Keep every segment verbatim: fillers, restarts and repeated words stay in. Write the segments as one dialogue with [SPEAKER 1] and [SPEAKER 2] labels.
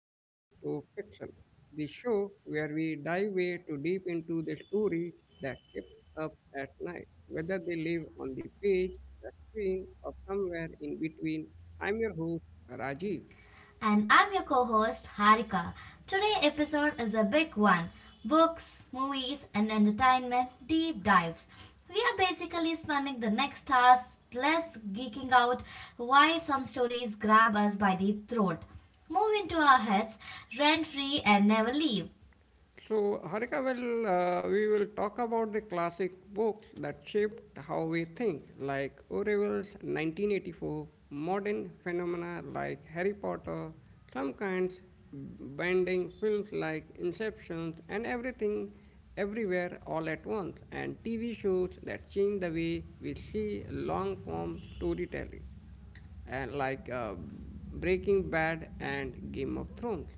[SPEAKER 1] Page to Pixel, the show where we dive way too deep into the stories that keeps us at night, whether they live on the page, the screen, or somewhere in between. I'm your host, Rajiv.
[SPEAKER 2] And I'm your co-host Harika. Today's episode is a big one. Books, movies and entertainment deep dives. We are basically spending the next hours plus geeking out why some stories grab us by the throat, move into our heads rent free and never leave.
[SPEAKER 1] So, Harika, well, uh, we will talk about the classic books that shaped how we think, like Orwell's nineteen eighty-four, modern phenomena like Harry Potter, some kinds bending films like Inceptions, and everything everywhere all at once, and T V shows that change the way we see long form storytelling and like uh, Breaking Bad and Game of Thrones.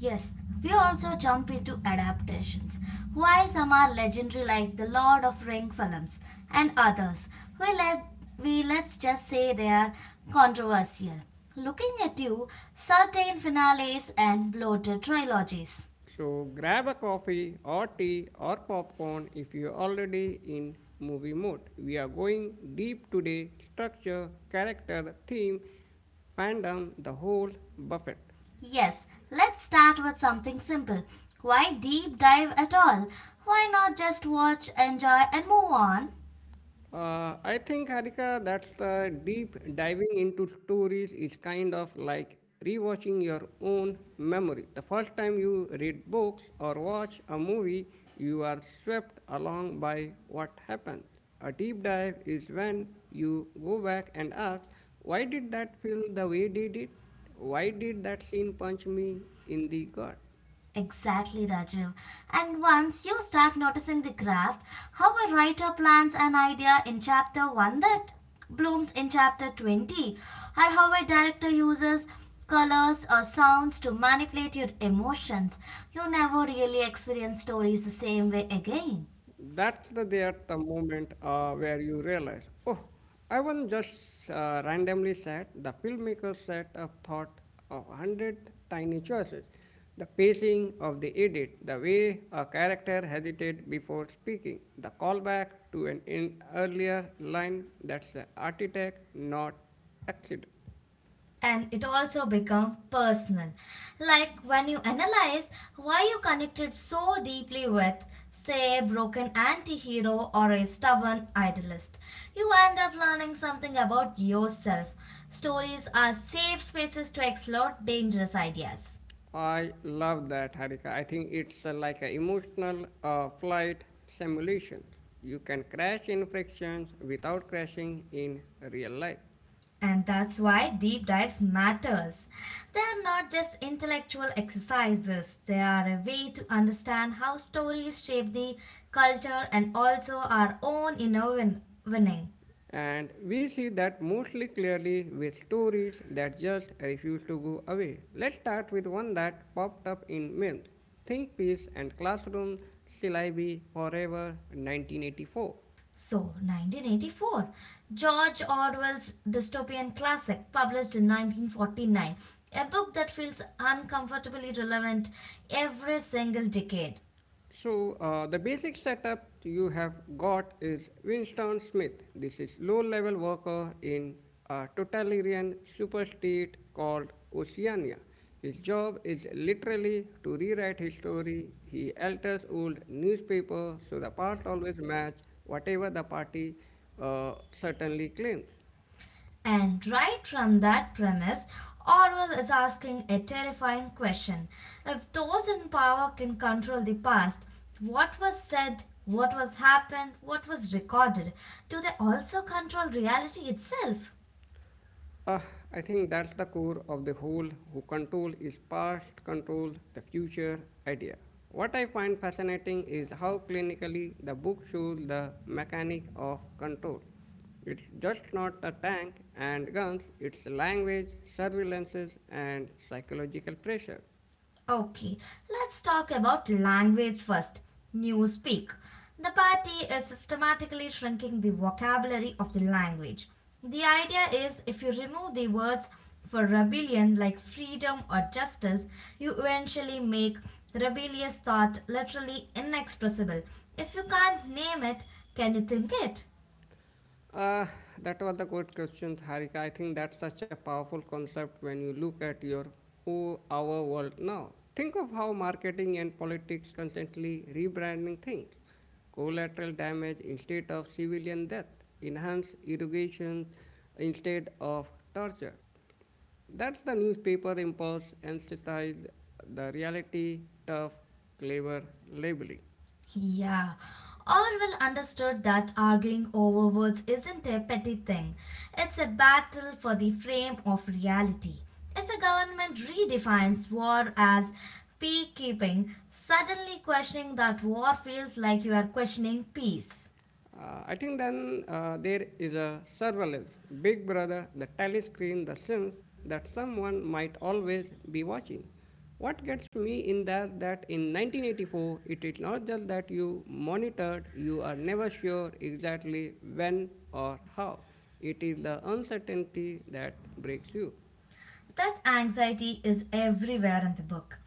[SPEAKER 2] Yes, we also jump into adaptations. Why some are legendary like the Lord of Ring films and others. We let we let's just say they are controversial. Looking at you, certain finales and bloated trilogies.
[SPEAKER 1] So grab a coffee or tea or popcorn if you're already in movie mode. We are going deep today structure, character, theme, fandom, the whole buffet.
[SPEAKER 2] Yes, let's start with something simple. Why deep dive at all? Why not just watch, enjoy and move on?
[SPEAKER 1] Uh, I think, Harika, that uh, deep diving into stories is kind of like rewatching your own memory. The first time you read books or watch a movie, you are swept along by what happened. A deep dive is when you go back and ask, why did that feel the way did it? Why did that scene punch me in the gut?
[SPEAKER 2] Exactly, Rajiv. And once you start noticing the craft, how a writer plants an idea in chapter one that blooms in chapter twenty, or how a director uses colors or sounds to manipulate your emotions, you never really experience stories the same way again.
[SPEAKER 1] that's the there the moment uh, where you realize, oh, i wasn't just uh, randomly set, the filmmaker set up thought of a hundred tiny choices, the pacing of the edit, the way a character hesitated before speaking, the callback to an in- earlier line. That's the architect, not accident.
[SPEAKER 2] And it also become personal, like when you analyze why you connected so deeply with say a broken anti-hero or a stubborn idealist, you end up learning something about yourself. Stories are safe spaces to explore dangerous ideas.
[SPEAKER 1] I love that, Harika. I think it's uh, like an emotional uh, flight simulation. You can crash in frictions without crashing in real life.
[SPEAKER 2] And that's why deep dives matters. They are not just intellectual exercises. They are a way to understand how stories shape the culture and also our own inner win- winning.
[SPEAKER 1] And we see that mostly clearly with stories that just refuse to go away. Let's start with one that popped up in memes. Think Peace and Classroom Syllabi Forever nineteen eighty-four.
[SPEAKER 2] So, nineteen eighty-four, George Orwell's dystopian classic, published in nineteen forty-nine, a book that feels uncomfortably relevant every single decade.
[SPEAKER 1] So uh, the basic setup you have got is Winston Smith. This is low-level worker in a totalitarian superstate called Oceania. His job is literally to rewrite history. He alters old newspaper so the past always match whatever the party uh, certainly claims.
[SPEAKER 2] And right from that premise, Orwell is asking a terrifying question. If those in power can control the past, what was said, what was happened, what was recorded, do they also control reality itself?
[SPEAKER 1] Uh, I think that's the core of the whole who control is past control, the future idea. What I find fascinating is how clinically the book shows the mechanic of control. It's just not the tank and guns, it's language, surveillances, and psychological pressure.
[SPEAKER 2] Okay, let's talk about language first. Newspeak. The party is systematically shrinking the vocabulary of the language. The idea is, if you remove the words for rebellion like freedom or justice, you eventually make rebellious thought literally inexpressible. If you can't name it, can you think it?
[SPEAKER 1] Uh, that was the good question, Harika. I think that's such a powerful concept when you look at your oh, our world now. Think of how marketing and politics constantly rebranding things. Collateral damage instead of civilian death, enhanced irrigation instead of torture. That's the newspaper impulse, anesthetize the reality, tough, clever labeling.
[SPEAKER 2] Yeah. Orwell understood that arguing over words isn't a petty thing. It's a battle for the frame of reality. If a government redefines war as peacekeeping, suddenly questioning that war feels like you are questioning peace.
[SPEAKER 1] Uh, I think then uh, there is a surveillance, Big Brother, the telescreen, the sense that someone might always be watching. What gets me in that that in nineteen eighty-four, it is not just that you monitored, you are never sure exactly when or how. It is the uncertainty that breaks you.
[SPEAKER 2] That anxiety is everywhere in the book.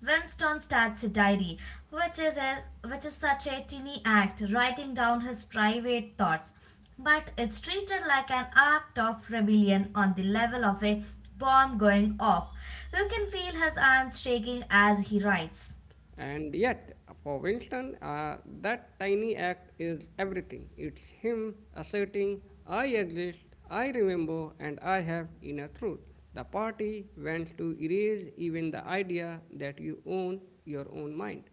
[SPEAKER 2] Winston starts a diary, which is a, which is such a teeny act, writing down his private thoughts, but it's treated like an act of rebellion on the level of a bomb going off. You can feel his hands shaking as he writes.
[SPEAKER 1] And yet, for Winston, uh, that tiny act is everything. It's him asserting, I exist, I remember, and I have inner truth. The party wants to erase even the idea that you own your own mind.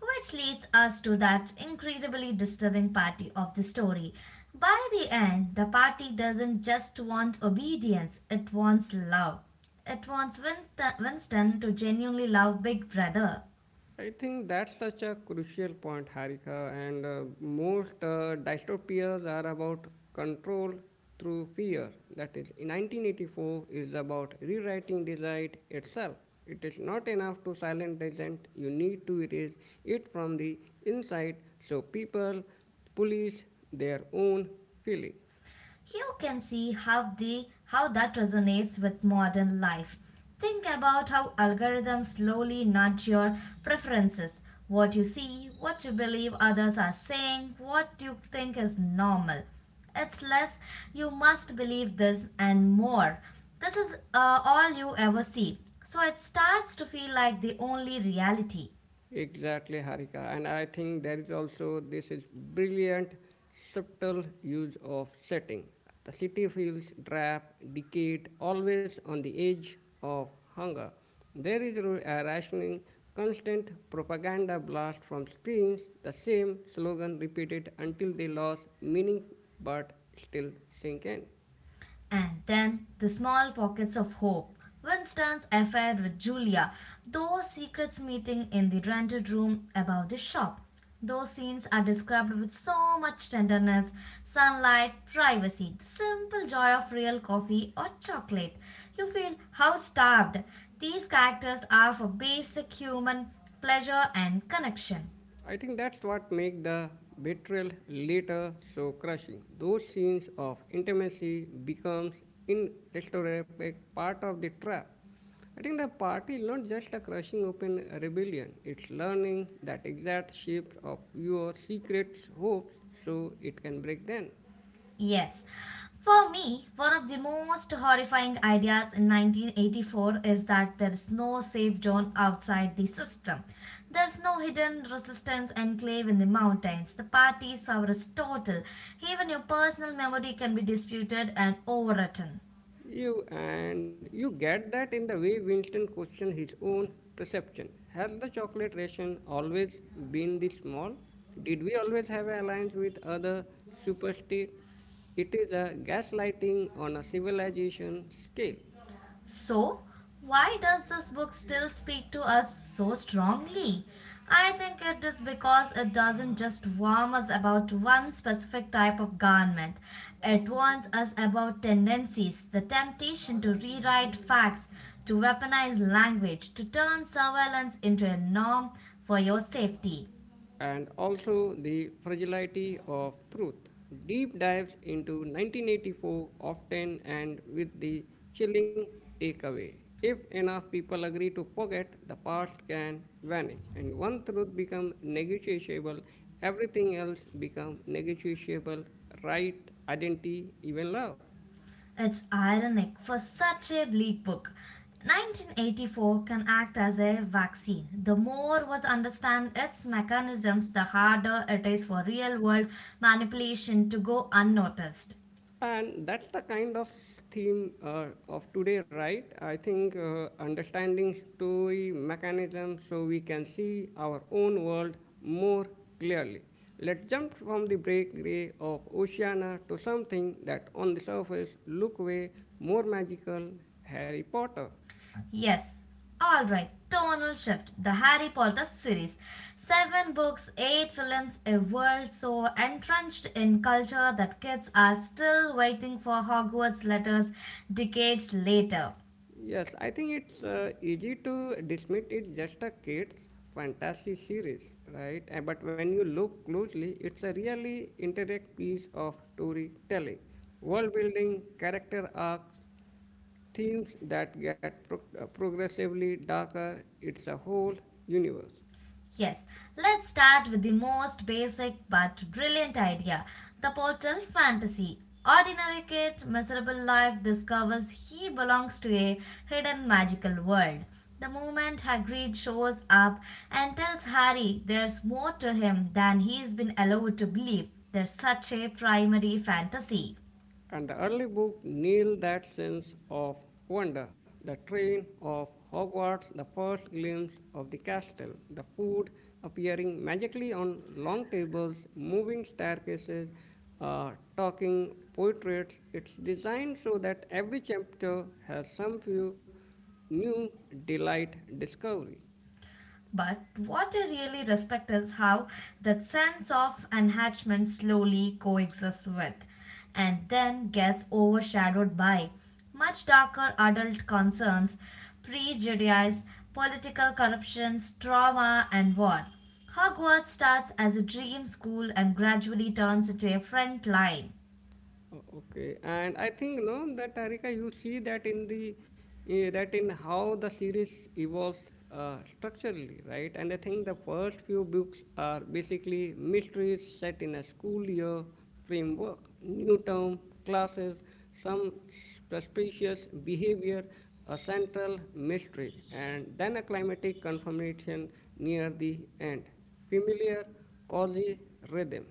[SPEAKER 2] Which leads us to that incredibly disturbing party of the story. By the end, the party doesn't just want obedience, it wants love. It wants Winst- Winston to genuinely love Big Brother.
[SPEAKER 1] I think that's such a crucial point, Harika. And uh, most uh, dystopias are about control through fear. That is, nineteen eighty-four is about rewriting desire itself. It is not enough to silence dissent. You need to erase it from the inside so people police their own feeling.
[SPEAKER 2] You can see how the how that resonates with modern life. Think about how algorithms slowly nudge your preferences. What you see, what you believe others are saying, what you think is normal. It's less you must believe this and more. This is uh, all you ever see. So it starts to feel like the only reality.
[SPEAKER 1] Exactly, Harika. And I think there is also this is brilliant subtle use of setting. The city feels drab, decayed, always on the edge of hunger. There is ru- a rationing, constant propaganda blast from screens, the same slogan repeated until they lost meaning but still sink in.
[SPEAKER 2] And then the small pockets of hope. Winston's affair with Julia, those secrets meeting in the rented room above the shop. Those scenes are described with so much tenderness, sunlight, privacy, the simple joy of real coffee or chocolate. You feel how starved these characters are for basic human pleasure and connection.
[SPEAKER 1] I think that's what makes the betrayal later so crushing. Those scenes of intimacy becomes inexorable part of the trap. I think the party is not just a crushing open rebellion. It's learning that exact shape of your secret hopes so it can break them.
[SPEAKER 2] Yes. For me, one of the most horrifying ideas in nineteen eighty-four is that there is no safe zone outside the system. There's no hidden resistance enclave in the mountains. The party's power is total. Even your personal memory can be disputed and overwritten.
[SPEAKER 1] You and you get that in the way Winston questioned his own perception. Has the chocolate ration always been this small? Did we always have an alliance with other superstates? It is a gaslighting on a civilization scale.
[SPEAKER 2] So, why does this book still speak to us so strongly? I think it is because it doesn't just warn us about one specific type of garment. It warns us about tendencies, the temptation to rewrite facts, to weaponize language, to turn surveillance into a norm for your safety.
[SPEAKER 1] And also the fragility of truth. Deep dives into nineteen eighty-four often and with the chilling takeaway. If enough people agree to forget, the past can vanish, and one truth becomes negotiable, everything else becomes negotiable right, identity, even love.
[SPEAKER 2] It's ironic for such a bleak book. nineteen eighty-four can act as a vaccine. The more was understand its mechanisms, the harder it is for real world manipulation to go unnoticed.
[SPEAKER 1] And that's the kind of theme uh, of today, right? I think uh, understanding story mechanism so we can see our own world more clearly. Let's jump from the breakaway of Oceana to something that on the surface look way more magical, Harry Potter.
[SPEAKER 2] Yes, alright, tonal shift. The Harry Potter series. Seven books, eight films, a world so entrenched in culture that kids are still waiting for Hogwarts letters decades later.
[SPEAKER 1] Yes, I think it's uh, easy to dismiss it just a kid's fantasy series, right? And, but when you look closely, it's a really intricate piece of storytelling, world building, character arcs, themes that get pro- uh, progressively darker. It's a whole universe.
[SPEAKER 2] Yes, let's start with the most basic but brilliant idea, the portal fantasy. Ordinary kid, miserable life, discovers he belongs to a hidden magical world. The moment Hagrid shows up and tells Harry there's more to him than he's been allowed to believe, there's such a primary fantasy.
[SPEAKER 1] And the early book nailed that sense of wonder. The train of Hogwarts, the first glimpse of the castle, the food appearing magically on long tables, moving staircases, uh, talking portraits. It's designed so that every chapter has some few new delight discovery.
[SPEAKER 2] But what I really respect is how that sense of enhancement slowly coexists with and then gets overshadowed by much darker adult concerns, prejudice, political corruptions, trauma, and war. Hogwarts starts as a dream school and gradually turns into a front line.
[SPEAKER 1] O- Okay, and I think no that Tarika, you see that in the eh, that in how the series evolves uh, structurally, right? And I think the first few books are basically mysteries set in a school year framework, new term classes, some suspicious behavior, a central mystery, and then a climatic confirmation near the end, familiar, cozy rhythm.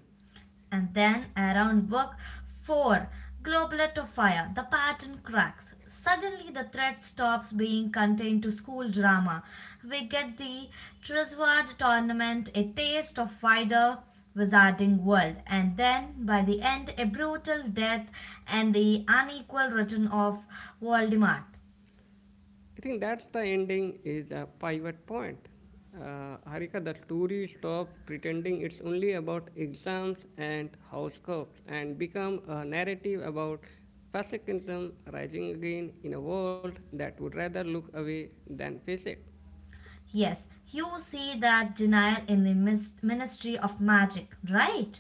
[SPEAKER 2] And then around book four, Globulet of Fire, the pattern cracks. Suddenly, the threat stops being contained to school drama. We get the Trisword tournament, a taste of wider wizarding world, and then by the end, a brutal death and the unequal return of Voldemort.
[SPEAKER 1] I think that's the ending is a pivot point. Uh, Harika, the story stops pretending it's only about exams and house cups and become a narrative about fascism rising again in a world that would rather look away than face it.
[SPEAKER 2] Yes, you see that denial in the mis- Ministry of Magic, right?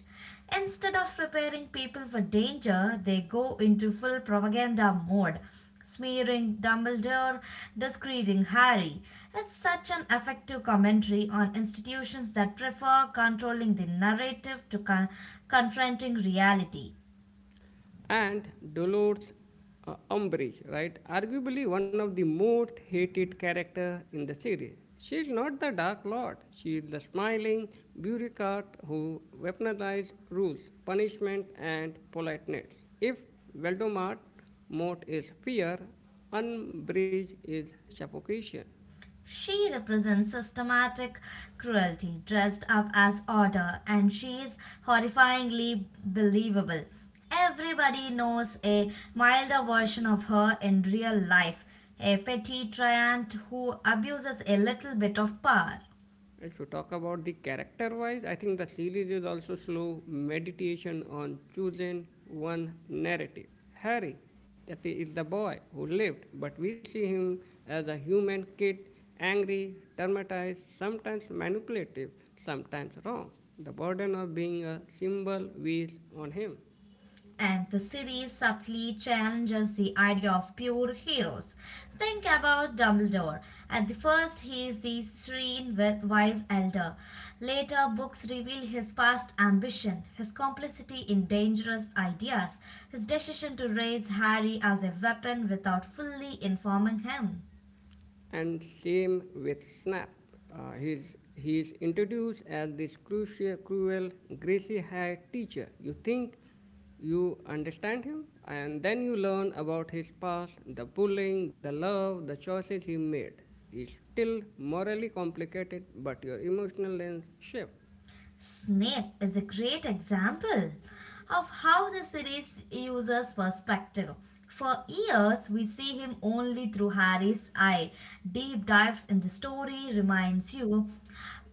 [SPEAKER 2] Instead of preparing people for danger, they go into full propaganda mode, smearing Dumbledore, discrediting Harry. It's such an effective commentary on institutions that prefer controlling the narrative to con- confronting reality.
[SPEAKER 1] And Dolores uh, Umbridge, right? Arguably one of the most hated character in the series. She is not the Dark Lord. She is the smiling bureaucrat who weaponized rules, punishment, and politeness. If Voldemort's mot is fear, Umbridge is suffocation.
[SPEAKER 2] She represents systematic cruelty dressed up as order, and she is horrifyingly believable. Everybody knows a milder version of her in real life, a petty tyrant who abuses a little bit of power.
[SPEAKER 1] If you talk about the character wise, I think the series is also slow meditation on choosing one narrative. Harry, that is the boy who lived, but we see him as a human kid, angry, traumatized, sometimes manipulative, sometimes wrong. The burden of being a symbol weighs on him.
[SPEAKER 2] And the series subtly challenges the idea of pure heroes. Think about Dumbledore. At the first, he is the serene, wise elder. Later, books reveal his past ambition, his complicity in dangerous ideas, his decision to raise Harry as a weapon without fully informing him.
[SPEAKER 1] And same with Snap. Uh, he's, he's introduced as this crucial, cruel, greasy haired teacher. You think you understand him, and then you learn about his past, the bullying, the love, the choices he made. He's still morally complicated, but your emotional lens shifts.
[SPEAKER 2] Snape is a great example of how the series uses perspective. For years, we see him only through Harry's eye. Deep dives in the story reminds you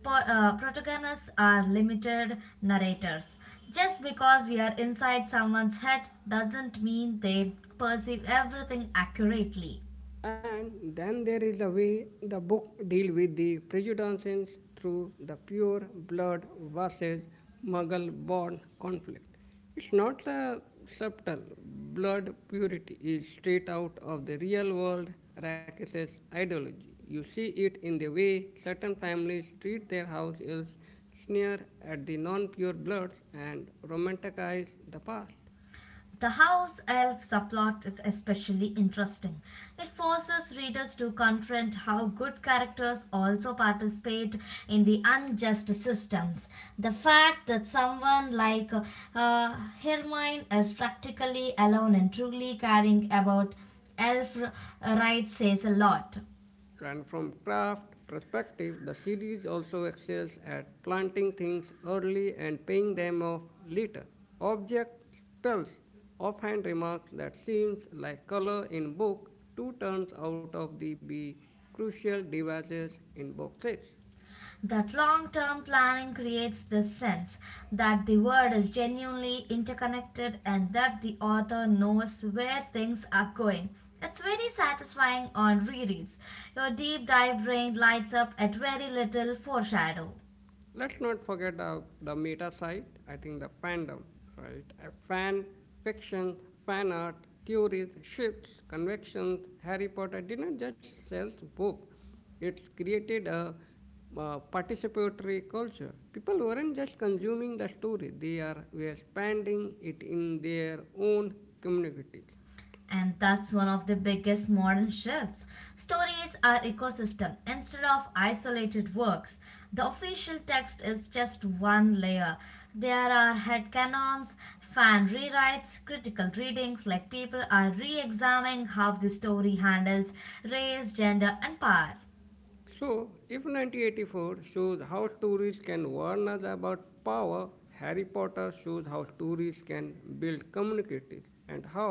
[SPEAKER 2] po- uh, protagonists are limited narrators. Just because we are inside someone's head doesn't mean they perceive everything accurately.
[SPEAKER 1] And then there is the way the book deal with the prejudices through the pure blood versus Mughal born conflict. It's not the subtle blood purity is straight out of the real world Rakesh's ideology. You see it in the way certain families treat their house elves, sneer at the non-pure bloods and romanticize the past.
[SPEAKER 2] The house elf subplot is especially interesting. It forces readers to confront how good characters also participate in the unjust systems. The fact that someone like uh, Hermione is practically alone and truly caring about elf rights says a lot.
[SPEAKER 1] And from craft perspective, the series also excels at planting things early and paying them off later. Object spells offhand remarks that seems like color in book two turns out of the be crucial devices in book six.
[SPEAKER 2] That long term planning creates the sense that the world is genuinely interconnected and that the author knows where things are going. It's very satisfying on rereads. Your deep dive brain lights up at very little foreshadow.
[SPEAKER 1] Let's not forget uh, the meta side, I think the fandom, right? Uh, fan fiction, fan art, theories, shifts, convictions. Harry Potter didn't just sell book, it's created a uh, participatory culture. People weren't just consuming the story, they are were expanding it in their own communities.
[SPEAKER 2] And that's one of the biggest modern shifts. Stories are ecosystem instead of isolated works. The official text is just one layer. There are headcanons, fan rewrites, critical readings, like people are re-examining how the story handles race, gender and power.
[SPEAKER 1] So, if nineteen eighty-four shows how stories can warn us about power, Harry Potter shows how stories can build communities and how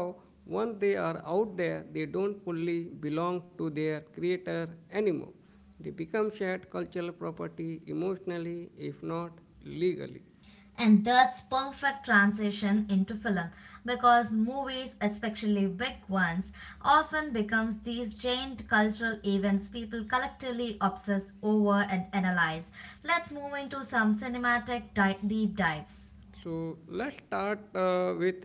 [SPEAKER 1] once they are out there, they don't fully belong to their creator anymore. They become shared cultural property emotionally, if not legally.
[SPEAKER 2] And that's perfect transition into film, because movies, especially big ones, often becomes these giant cultural events people collectively obsess over and analyze. Let's move into some cinematic di- deep dives.
[SPEAKER 1] So let's start uh, with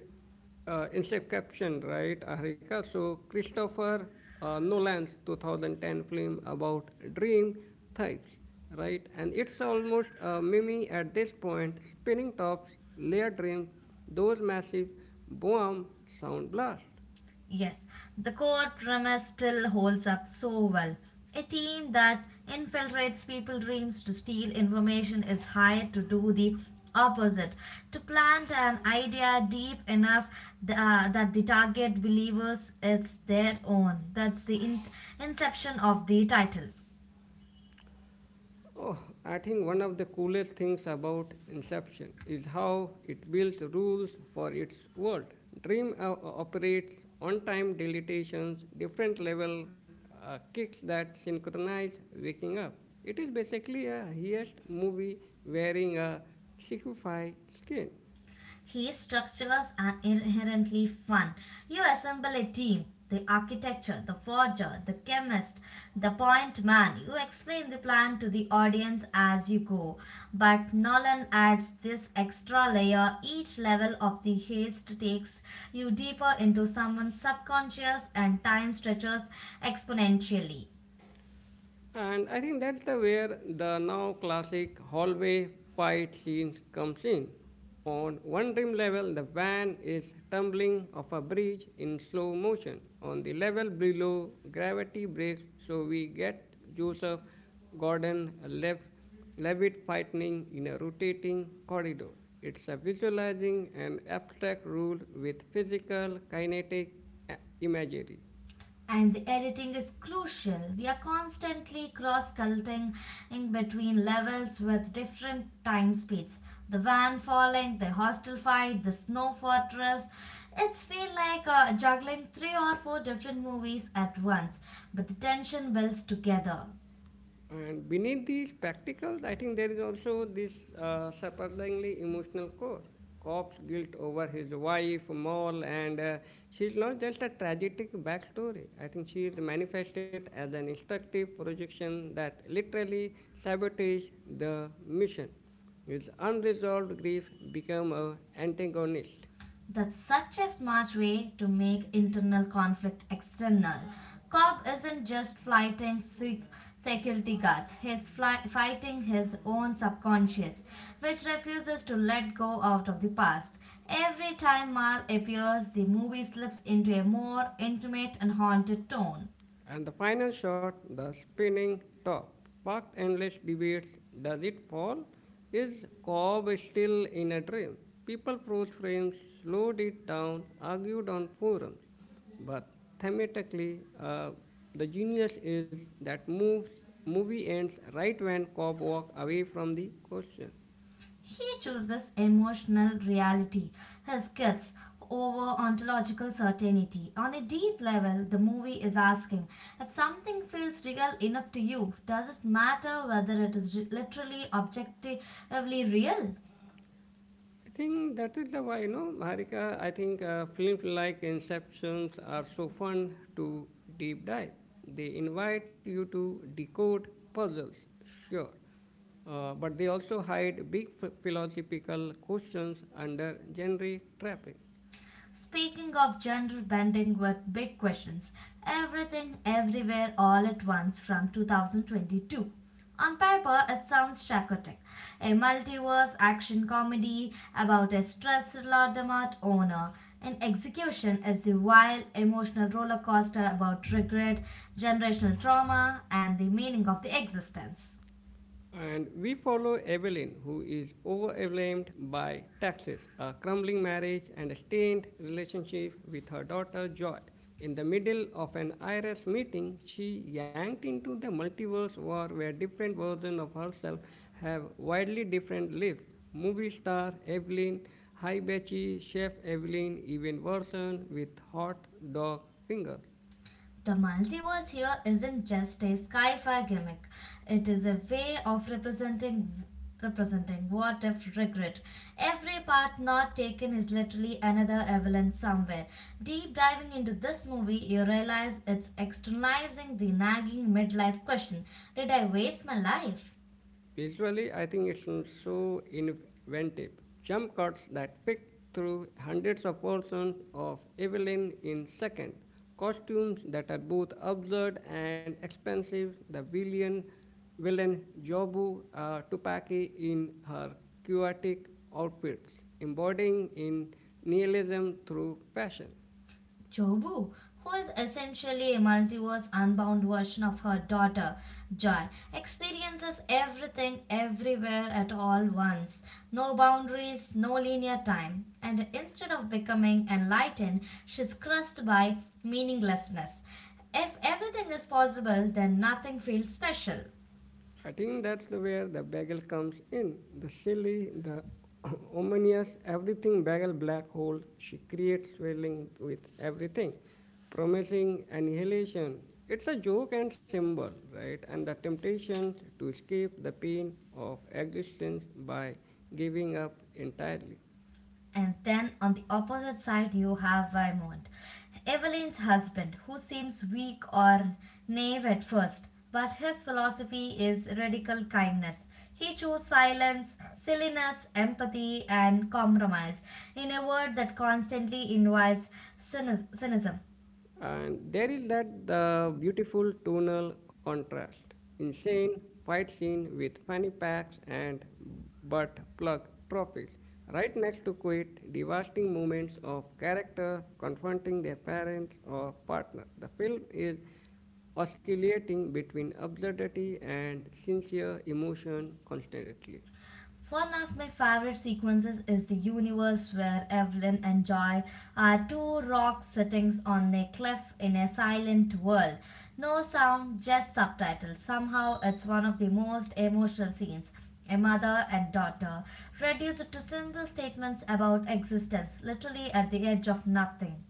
[SPEAKER 1] uh, Inception, right, Harika? So Christopher uh, Nolan's twenty ten film about dream thieves, right? And it's almost a mimi at this point, spinning tops, layer dream, those massive boom sound blasts.
[SPEAKER 2] Yes, the core premise still holds up so well. A team that infiltrates people's dreams to steal information is hired to do the opposite, to plant an idea deep enough th- uh, that the target believers it's their own. That's the in- inception of the title.
[SPEAKER 1] Oh, I think one of the coolest things about Inception is how it builds rules for its world. Dream o- operates on-time dilatations, different level uh, kicks that synchronize waking up. It is basically a heist movie wearing a sci-fi skin.
[SPEAKER 2] His structures are inherently fun. You assemble a team. The architecture, the forger, the chemist, the point man. You explain the plan to the audience as you go. But Nolan adds this extra layer. Each level of the heist takes you deeper into someone's subconscious, and time stretches exponentially.
[SPEAKER 1] And I think that's the where the now classic hallway fight scenes comes in. On one dream level, the van is tumbling off a bridge in slow motion. On the level below, gravity breaks, so we get Joseph Gordon left Levitt fighting in a rotating corridor. It's a visualizing an abstract rule with physical kinetic uh, imagery.
[SPEAKER 2] And the editing is crucial. We are constantly cross cutting between levels with different time speeds. The van falling, the hostel fight, the snow fortress. It's feel like uh, juggling three or four different movies at once, but the tension builds together.
[SPEAKER 1] And beneath these spectacles, I think there is also this uh, surprisingly emotional core. Cop's guilt over his wife, Moll, and uh, she's not just a tragic backstory. I think she is manifested as an instructive projection that literally sabotages the mission. His unresolved grief becomes a antagonist.
[SPEAKER 2] That's such a smart way to make internal conflict external. Cobb isn't just fighting sec- security guards, he's fly- fighting his own subconscious, which refuses to let go out of the past. Every time Mal appears, the movie slips into a more intimate and haunted tone.
[SPEAKER 1] And the final shot, the spinning top. What endless debates does it fall? Is Cobb still in a dream? People froze frames, slowed it down, argued on forums. But thematically, uh, the genius is that moves, movie ends right when Cobb walks away from the question.
[SPEAKER 2] He chooses emotional reality, his kids, over ontological certainty. On a deep level, the movie is asking, if something feels real enough to you, does it matter whether it is re- literally objectively real?
[SPEAKER 1] I think that is the why, you know, Harika. I think uh, films like Inceptions are so fun to deep dive. They invite you to decode puzzles, sure, uh, but they also hide big ph- philosophical questions under genre trapping.
[SPEAKER 2] Speaking of gender bending with big questions, everything everywhere all at once from two thousand twenty-two. On paper, it sounds psychotic. A multiverse action comedy about a stressed Laudemart owner. In execution, it's a wild emotional roller coaster about regret, generational trauma, and the meaning of the existence.
[SPEAKER 1] And we follow Evelyn, who is overwhelmed by taxes, a crumbling marriage, and a strained relationship with her daughter Joy. In the middle of an I R S meeting, she yanked into the multiverse war where different versions of herself have widely different lives. Movie star Evelyn, high Betchy, chef Evelyn, even version with hot dog fingers.
[SPEAKER 2] The multiverse here isn't just a sci-fi gimmick. It is a way of representing representing what if regret. Every path not taken is literally another Evelyn somewhere. Deep diving into this movie, you realize it's externalizing the nagging midlife question. Did I waste my life?
[SPEAKER 1] Visually, I think it's so inventive. Jump cuts that pick through hundreds of versions of Evelyn in seconds. Costumes that are both absurd and expensive. The villain, villain Jobu uh, Tupaki in her chaotic outfits, embodying in nihilism through fashion.
[SPEAKER 2] Jobu, who is essentially a multiverse unbound version of her daughter, Joy, experiences everything everywhere at all once. No boundaries, no linear time. And instead of becoming enlightened, she's crushed by meaninglessness. If everything is possible, then nothing feels special.
[SPEAKER 1] I think that's where the bagel comes in. The silly, the ominous, everything bagel black hole she creates swirling with everything, promising annihilation. It's a joke and symbol, right? And the temptation to escape the pain of existence by giving up entirely.
[SPEAKER 2] And then on the opposite side, you have Vaimont, Evelyn's husband, who seems weak or naive at first, but his philosophy is radical kindness. He chose silence, silliness, empathy, and compromise in a word that constantly invites cynicism.
[SPEAKER 1] And there is that the beautiful tonal contrast. Insane fight scene with funny packs and butt plug trophies. Right next to quite devastating moments of character confronting their parents or partner. The film is oscillating between absurdity and sincere emotion constantly.
[SPEAKER 2] One of my favorite sequences is the universe where Evelyn and Joy are two rocks sitting on a cliff in a silent world. No sound, just subtitles. Somehow it's one of the most emotional scenes. A mother and daughter reduced to simple statements about existence, literally at the edge of nothing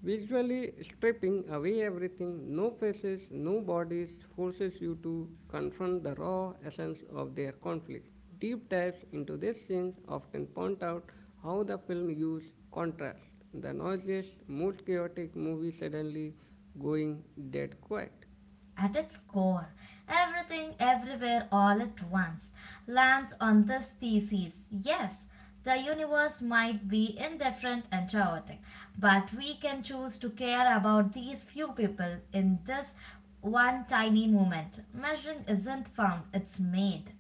[SPEAKER 1] Visually stripping away everything, no faces, no bodies, forces you to confront the raw essence of their conflict. Deep dives into these scenes often point out how the film used contrast, the noisiest, most chaotic movie suddenly going dead quiet.
[SPEAKER 2] at its core. Everything, everywhere, all at once lands on this thesis. Yes, the universe might be indifferent and chaotic, but we can choose to care about these few people in this one tiny moment. Measuring isn't found, it's made.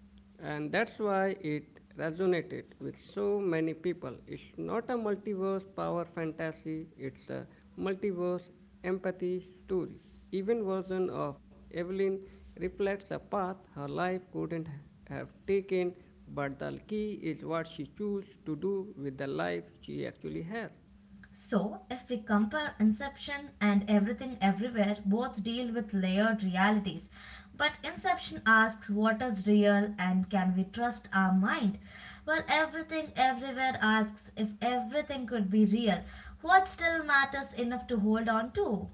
[SPEAKER 1] And that's why it resonated with so many people. It's not a multiverse power fantasy, it's a multiverse empathy story. Even version of Evelyn reflects a path her life couldn't have taken, but the key is what she chooses to do with the life she actually has.
[SPEAKER 2] So, if we compare Inception and Everything Everywhere, both deal with layered realities. But Inception asks what is real and can we trust our mind? Well, Everything Everywhere asks if everything could be real, what still matters enough to hold on to?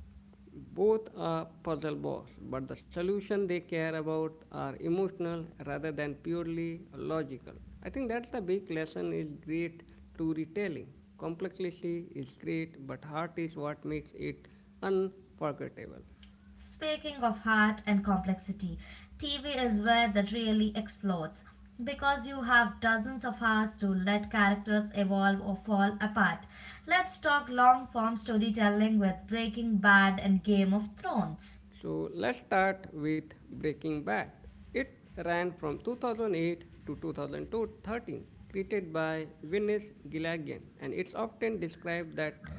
[SPEAKER 1] Both are puzzle balls, but the solution they care about are emotional rather than purely logical. I think that's the big lesson is great storytelling. Complexity is great, but heart is what makes it unforgettable.
[SPEAKER 2] Speaking of heart and complexity, T V is where that really explodes because you have dozens of hours to let characters evolve or fall apart. Let's talk long form storytelling with Breaking Bad and Game of Thrones.
[SPEAKER 1] So let's start with Breaking Bad. It ran from two thousand eight to twenty thirteen, created by Vince Gilligan, and it's often described that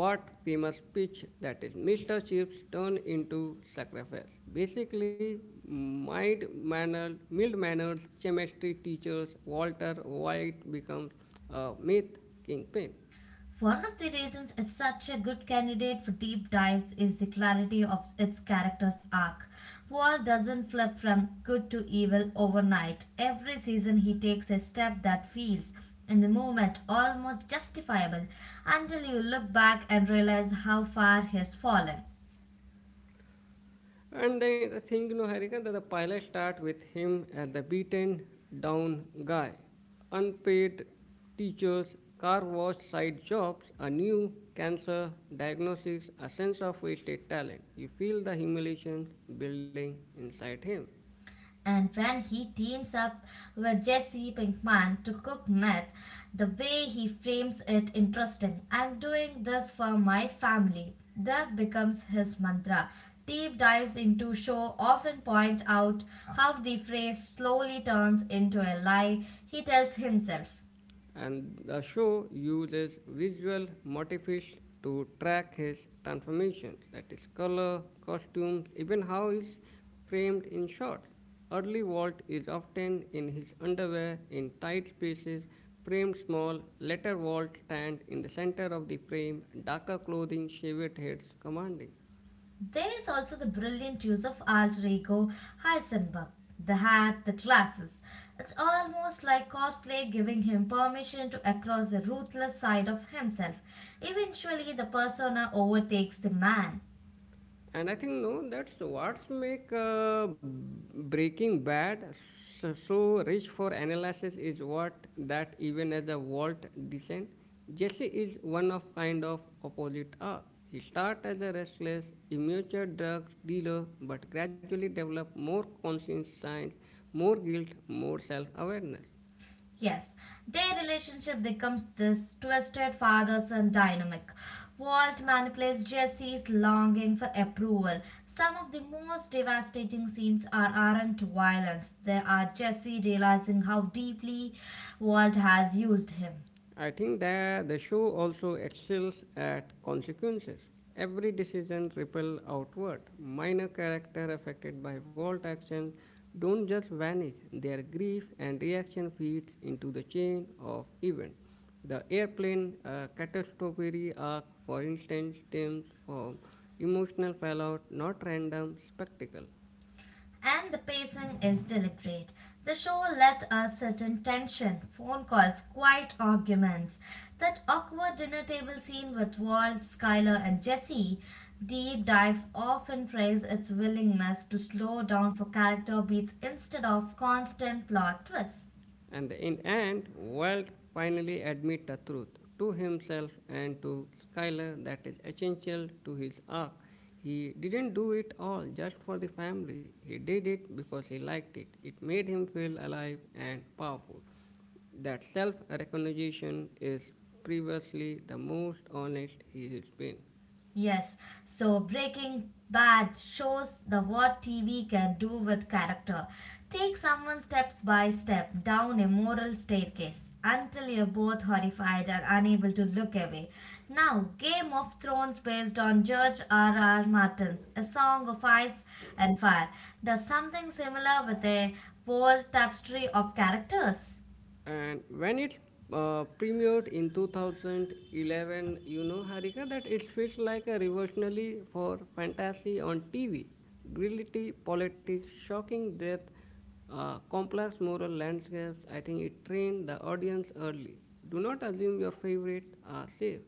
[SPEAKER 1] what famous pitch that is Mister Chips turned into sacrifice. Basically, mild mannered, mild manners chemistry teachers Walter White becomes a myth kingpin.
[SPEAKER 2] One of the reasons it's such a good candidate for deep dives is the clarity of its character's arc. Paul doesn't flip from good to evil overnight. Every season, he takes a step that feels, in the moment, almost justifiable until you look back and realize how far he's fallen.
[SPEAKER 1] And then the thing, you know, Harika, that the pilot start with him as the beaten down guy. Unpaid teachers, car wash side jobs, a new cancer diagnosis, a sense of wasted talent. You feel the humiliation building inside him.
[SPEAKER 2] And when he teams up with Jesse Pinkman to cook meth, the way he frames it interesting. I'm doing this for my family. That becomes his mantra. Deep dives into show often point out how the phrase slowly turns into a lie he tells himself.
[SPEAKER 1] And the show uses visual motifs to track his transformations, that is, color, costumes, even how he's framed in shots. Early Walt is often in his underwear in tight spaces, framed small. Later Walt stands in the center of the frame, darker clothing, shaved heads commanding.
[SPEAKER 2] There is also the brilliant use of alter ego Heisenberg, the hat, the glasses. It's almost like cosplay giving him permission to across the ruthless side of himself. Eventually, the persona overtakes the man.
[SPEAKER 1] And i think no that's what's make uh, breaking bad so, so rich for analysis is what that even as a walt descent jesse is one of kind of opposite are he start as a restless immature drug dealer but gradually develop more conscience more guilt more self-awareness.
[SPEAKER 2] Yes, their relationship becomes this twisted father son dynamic. Walt manipulates Jesse's longing for approval. Some of the most devastating scenes are, aren't violence, they are Jesse realizing how deeply Walt has used him.
[SPEAKER 1] I think that the show also excels at consequences. Every decision ripple outward. Minor character affected by Walt action don't just vanish. Their grief and reaction feeds into the chain of event. The airplane uh, catastrophe arc, for instance, stems from emotional fallout, not random spectacle.
[SPEAKER 2] And the pacing is deliberate. The show let us sit in tension, phone calls, quiet arguments. That awkward dinner table scene with Walt, Skyler, and Jesse. Deep dives often praise its willingness to slow down for character beats instead of constant plot twists.
[SPEAKER 1] And in end, Walt finally admit the truth to himself and to Skyler that is essential to his arc. He didn't do it all just for the family. He did it because he liked it. It made him feel alive and powerful. That self recognition is previously the most honest he has been.
[SPEAKER 2] Yes, so Breaking Bad shows the what T V can do with character. Take someone steps by step down a moral staircase until you're both horrified and unable to look away. Now, Game of Thrones, based on George R. R. Martin's A Song of Ice and Fire, does something similar with a whole tapestry of characters.
[SPEAKER 1] And when it uh, premiered in two thousand eleven, you know, Harika, that it feels like a revolutionary for fantasy on T V. Grility, politics, shocking death, uh, complex moral landscapes. I think it trained the audience early. Do not assume your favorite are safe.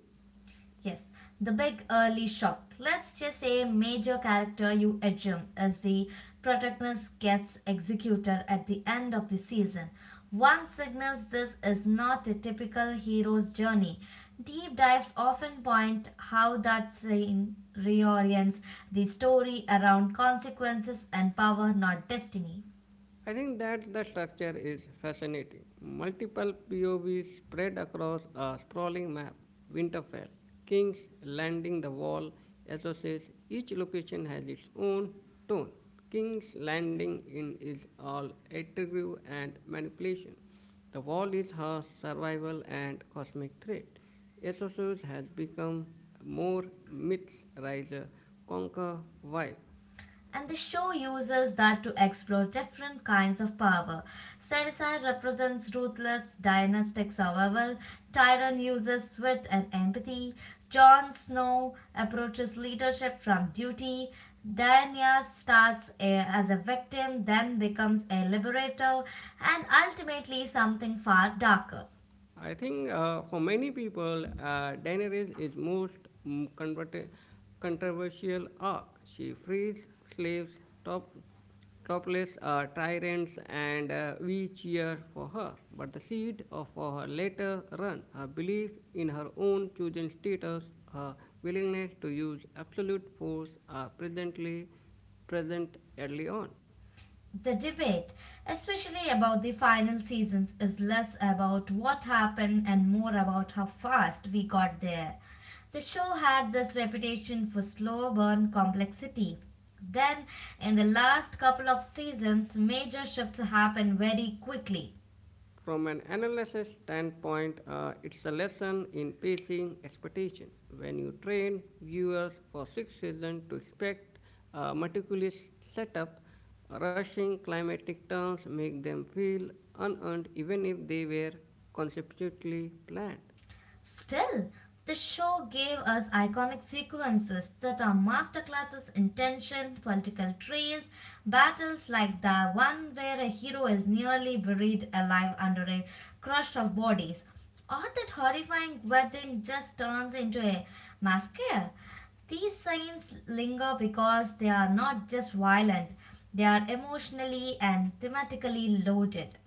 [SPEAKER 2] Yes, the big early shock. Let's just say major character you assume as the protagonist gets executed at the end of the season. One signals this is not a typical hero's journey. Deep dives often point how that scene reorients the story around consequences and power, not destiny.
[SPEAKER 1] I think that the structure is fascinating. Multiple P O Vs spread across a sprawling map. Winterfell, King's Landing, the Wall, associates each location has its own tone. King's Landing in is all intrigue and manipulation. The wall is her survival and cosmic threat. Essos has become more myths riser conquer vibe.
[SPEAKER 2] And the show uses that to explore different kinds of power. Cersei represents ruthless dynastic survival, Tyrion uses wit and empathy, Jon Snow approaches leadership from duty, Daenerys starts a- as a victim, then becomes a liberator, and ultimately something far darker.
[SPEAKER 1] I think uh, for many people, uh, Daenerys is most mm, convert- controversial arc. She frees slaves, top, topless uh, tyrants, and uh, we cheer for her. But the seed of for her later run, her belief in her own chosen status, her willingness to use absolute force are presently present early on.
[SPEAKER 2] The debate, especially about the final seasons, is less about what happened and more about how fast we got there. The show had this reputation for slow burn complexity. Then, in the last couple of seasons, major shifts happened very quickly.
[SPEAKER 1] From an analysis standpoint, uh, it's a lesson in pacing expectations. When you train viewers for six seasons to expect a meticulous setup, rushing climatic turns make them feel unearned even if they were conceptually planned.
[SPEAKER 2] Still, the show gave us iconic sequences that are masterclasses in tension, political trails, battles like the one where a hero is nearly buried alive under a crush of bodies, or that horrifying wedding just turns into a massacre. These scenes linger because they are not just violent, they are emotionally and thematically loaded.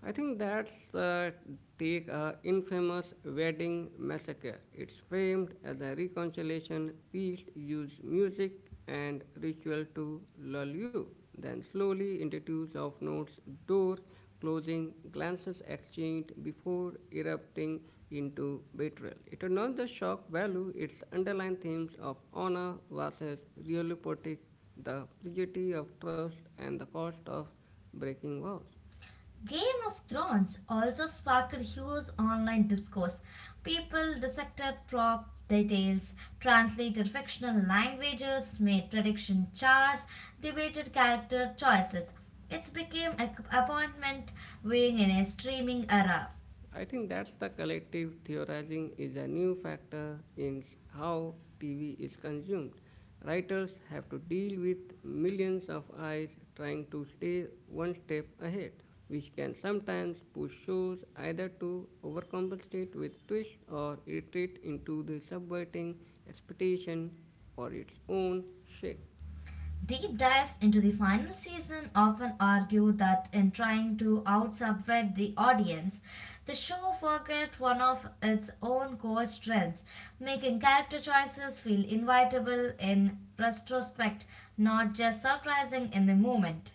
[SPEAKER 1] I think that's uh, take a infamous wedding massacre. It's framed as a reconciliation piece, use music and ritual to lull you. Then slowly introduce of notes, door closing, glances exchanged before erupting into betrayal. It is not the shock value; it's underlying themes of honor versus real the fragility of trust, and the cost of breaking vows.
[SPEAKER 2] Game of Thrones also sparked huge online discourse. People dissected prop details, translated fictional languages, made prediction charts, debated character choices. It became a appointment viewing in a streaming era.
[SPEAKER 1] I think that's the collective theorizing is a new factor in how T V is consumed. Writers have to deal with millions of eyes trying to stay one step ahead, which can sometimes push shows either to overcompensate with twists or retreat into the subverting expectation or its own shape.
[SPEAKER 2] Deep dives into the final season often argue that in trying to outsubvert the audience, the show forgot one of its own core strengths, making character choices feel inevitable in retrospect, not just surprising in the moment.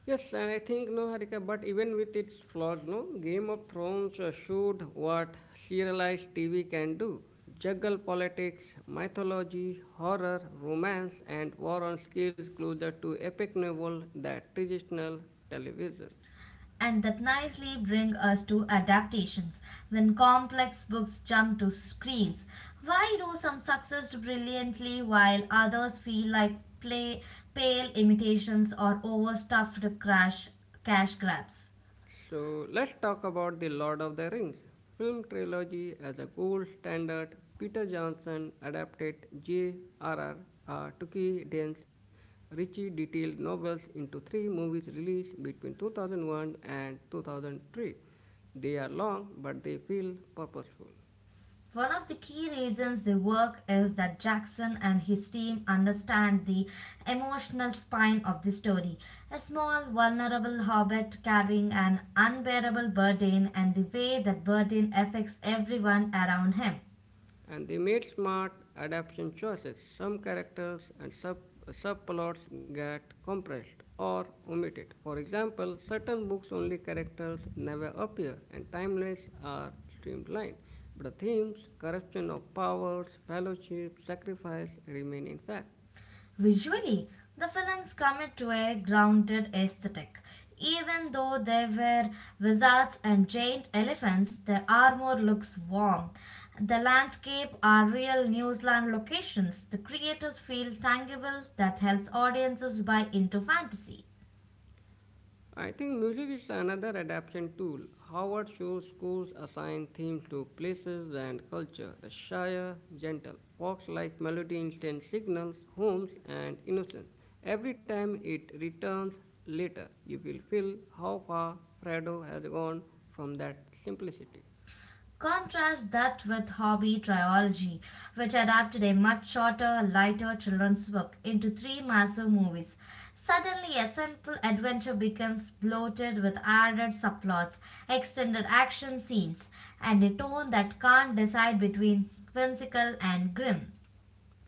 [SPEAKER 1] Yes, and I think no, Harika, but even with its flaws, no, Game of Thrones uh, showed what serialized T V can do juggle politics, mythology, horror, romance, and war on skills closer to epic novel than traditional television.
[SPEAKER 2] And that nicely bring us to adaptations. When complex books jump to screens, why do some success brilliantly while others feel like play, pale imitations or overstuffed crash, cash grabs?
[SPEAKER 1] So let's talk about The Lord of the Rings film trilogy as a gold standard. Peter Jackson adapted J R R. Tolkien's richly detailed novels into three movies released between two thousand one and two thousand three. They are long, but they feel purposeful.
[SPEAKER 2] One of the key reasons they work is that Jackson and his team understand the emotional spine of the story. A small, vulnerable hobbit carrying an unbearable burden and the way that burden affects everyone around him.
[SPEAKER 1] And they made smart adaptation choices. Some characters and sub, subplots get compressed or omitted. For example, certain books only characters never appear and timelines are streamlined. But the themes, corruption of powers, fellowship, sacrifice remain intact.
[SPEAKER 2] Visually, the films commit to a grounded aesthetic. Even though they were wizards and giant elephants, the armor looks warm. The landscape are real New Zealand locations. The creators feel tangible that helps audiences buy into fantasy.
[SPEAKER 1] I think music is another adaptation tool. Howard Shore scores assign themes to places and culture. The Shire, gentle, fox like melody instant signals, homes, and innocence. Every time it returns later, you will feel how far Fredo has gone from that simplicity.
[SPEAKER 2] Contrast that with Hobby Trilogy, which adapted a much shorter, lighter children's book into three massive movies. Suddenly, a simple adventure becomes bloated with added subplots, extended action scenes, and a tone that can't decide between whimsical and grim.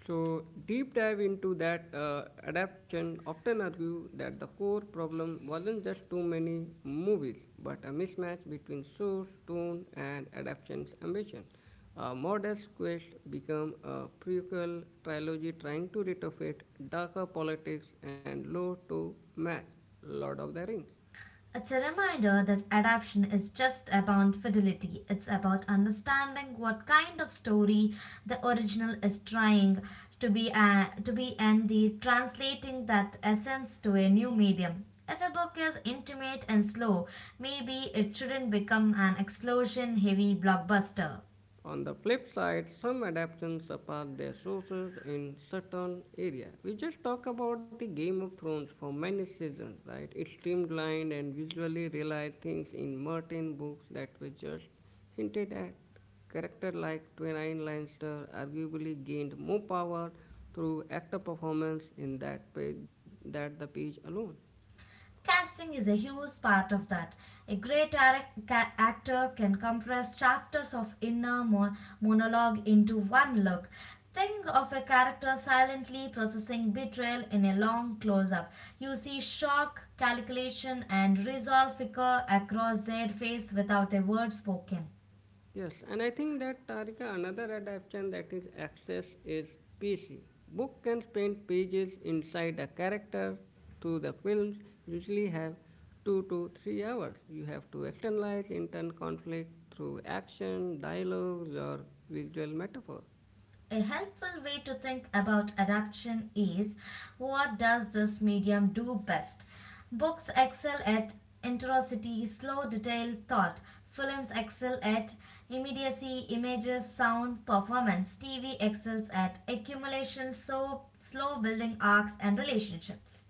[SPEAKER 1] So, deep dive into that uh, adaptation often argue that the core problem wasn't just too many movies, but a mismatch between source, tone, and adaptation's ambition. A modest quest became a prequel trilogy trying to retrofit darker politics and lore to match Lord of the Rings.
[SPEAKER 2] It's a reminder that adaptation is just about fidelity. It's about understanding what kind of story the original is trying to be uh, to be and the translating that essence to a new medium. If a book is intimate and slow, maybe it shouldn't become an explosion heavy blockbuster.
[SPEAKER 1] On the flip side, some adaptations surpass their sources in certain areas. We just talk about the Game of Thrones for many seasons, right? It streamlined and visually realized things in Martin books that were just hinted at. Character like Twenine Lannister arguably gained more power through actor performance in that page that the page alone.
[SPEAKER 2] Casting is a huge part of that. A great actor can compress chapters of inner monologue into one look. Think of a character silently processing betrayal in a long close up. You see shock, calculation, and resolve flicker across their face without a word spoken.
[SPEAKER 1] Yes, and I think that Tarika, another adaptation that is access is P C. Book can spend pages inside a character through the films usually have two to three hours. You have to externalize internal conflict through action, dialogues, or visual metaphor.
[SPEAKER 2] A helpful way to think about adaptation is what does this medium do best? Books excel at interosity, slow, detailed thought. Films excel at immediacy, images, sound, performance. T V excels at accumulation, so slow building arcs and relationships.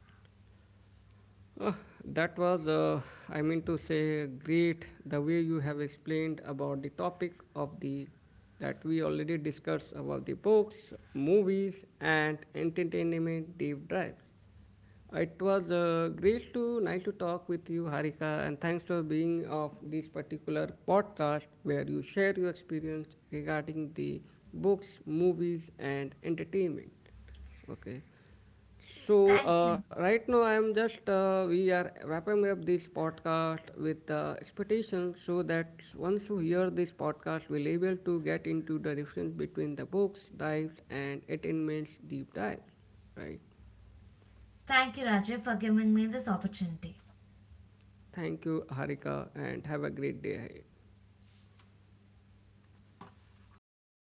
[SPEAKER 1] Uh, that was, uh, I mean to say, great the way you have explained about the topic of the that we already discussed about the books, movies, and entertainment deep dives. It was uh, great to nice to talk with you, Harika, and thanks for being of this particular podcast where you share your experience regarding the books, movies, and entertainment. Okay. So
[SPEAKER 2] Thank
[SPEAKER 1] uh,
[SPEAKER 2] you.
[SPEAKER 1] right now I am just uh, we are wrapping up this podcast with uh, expectations so that once you hear this podcast, we'll able to get into the difference between the books, dives, and attainments deep dives. Right.
[SPEAKER 2] Thank you, Rajiv, for giving me this opportunity.
[SPEAKER 1] Thank you, Harika, and have a great day ahead.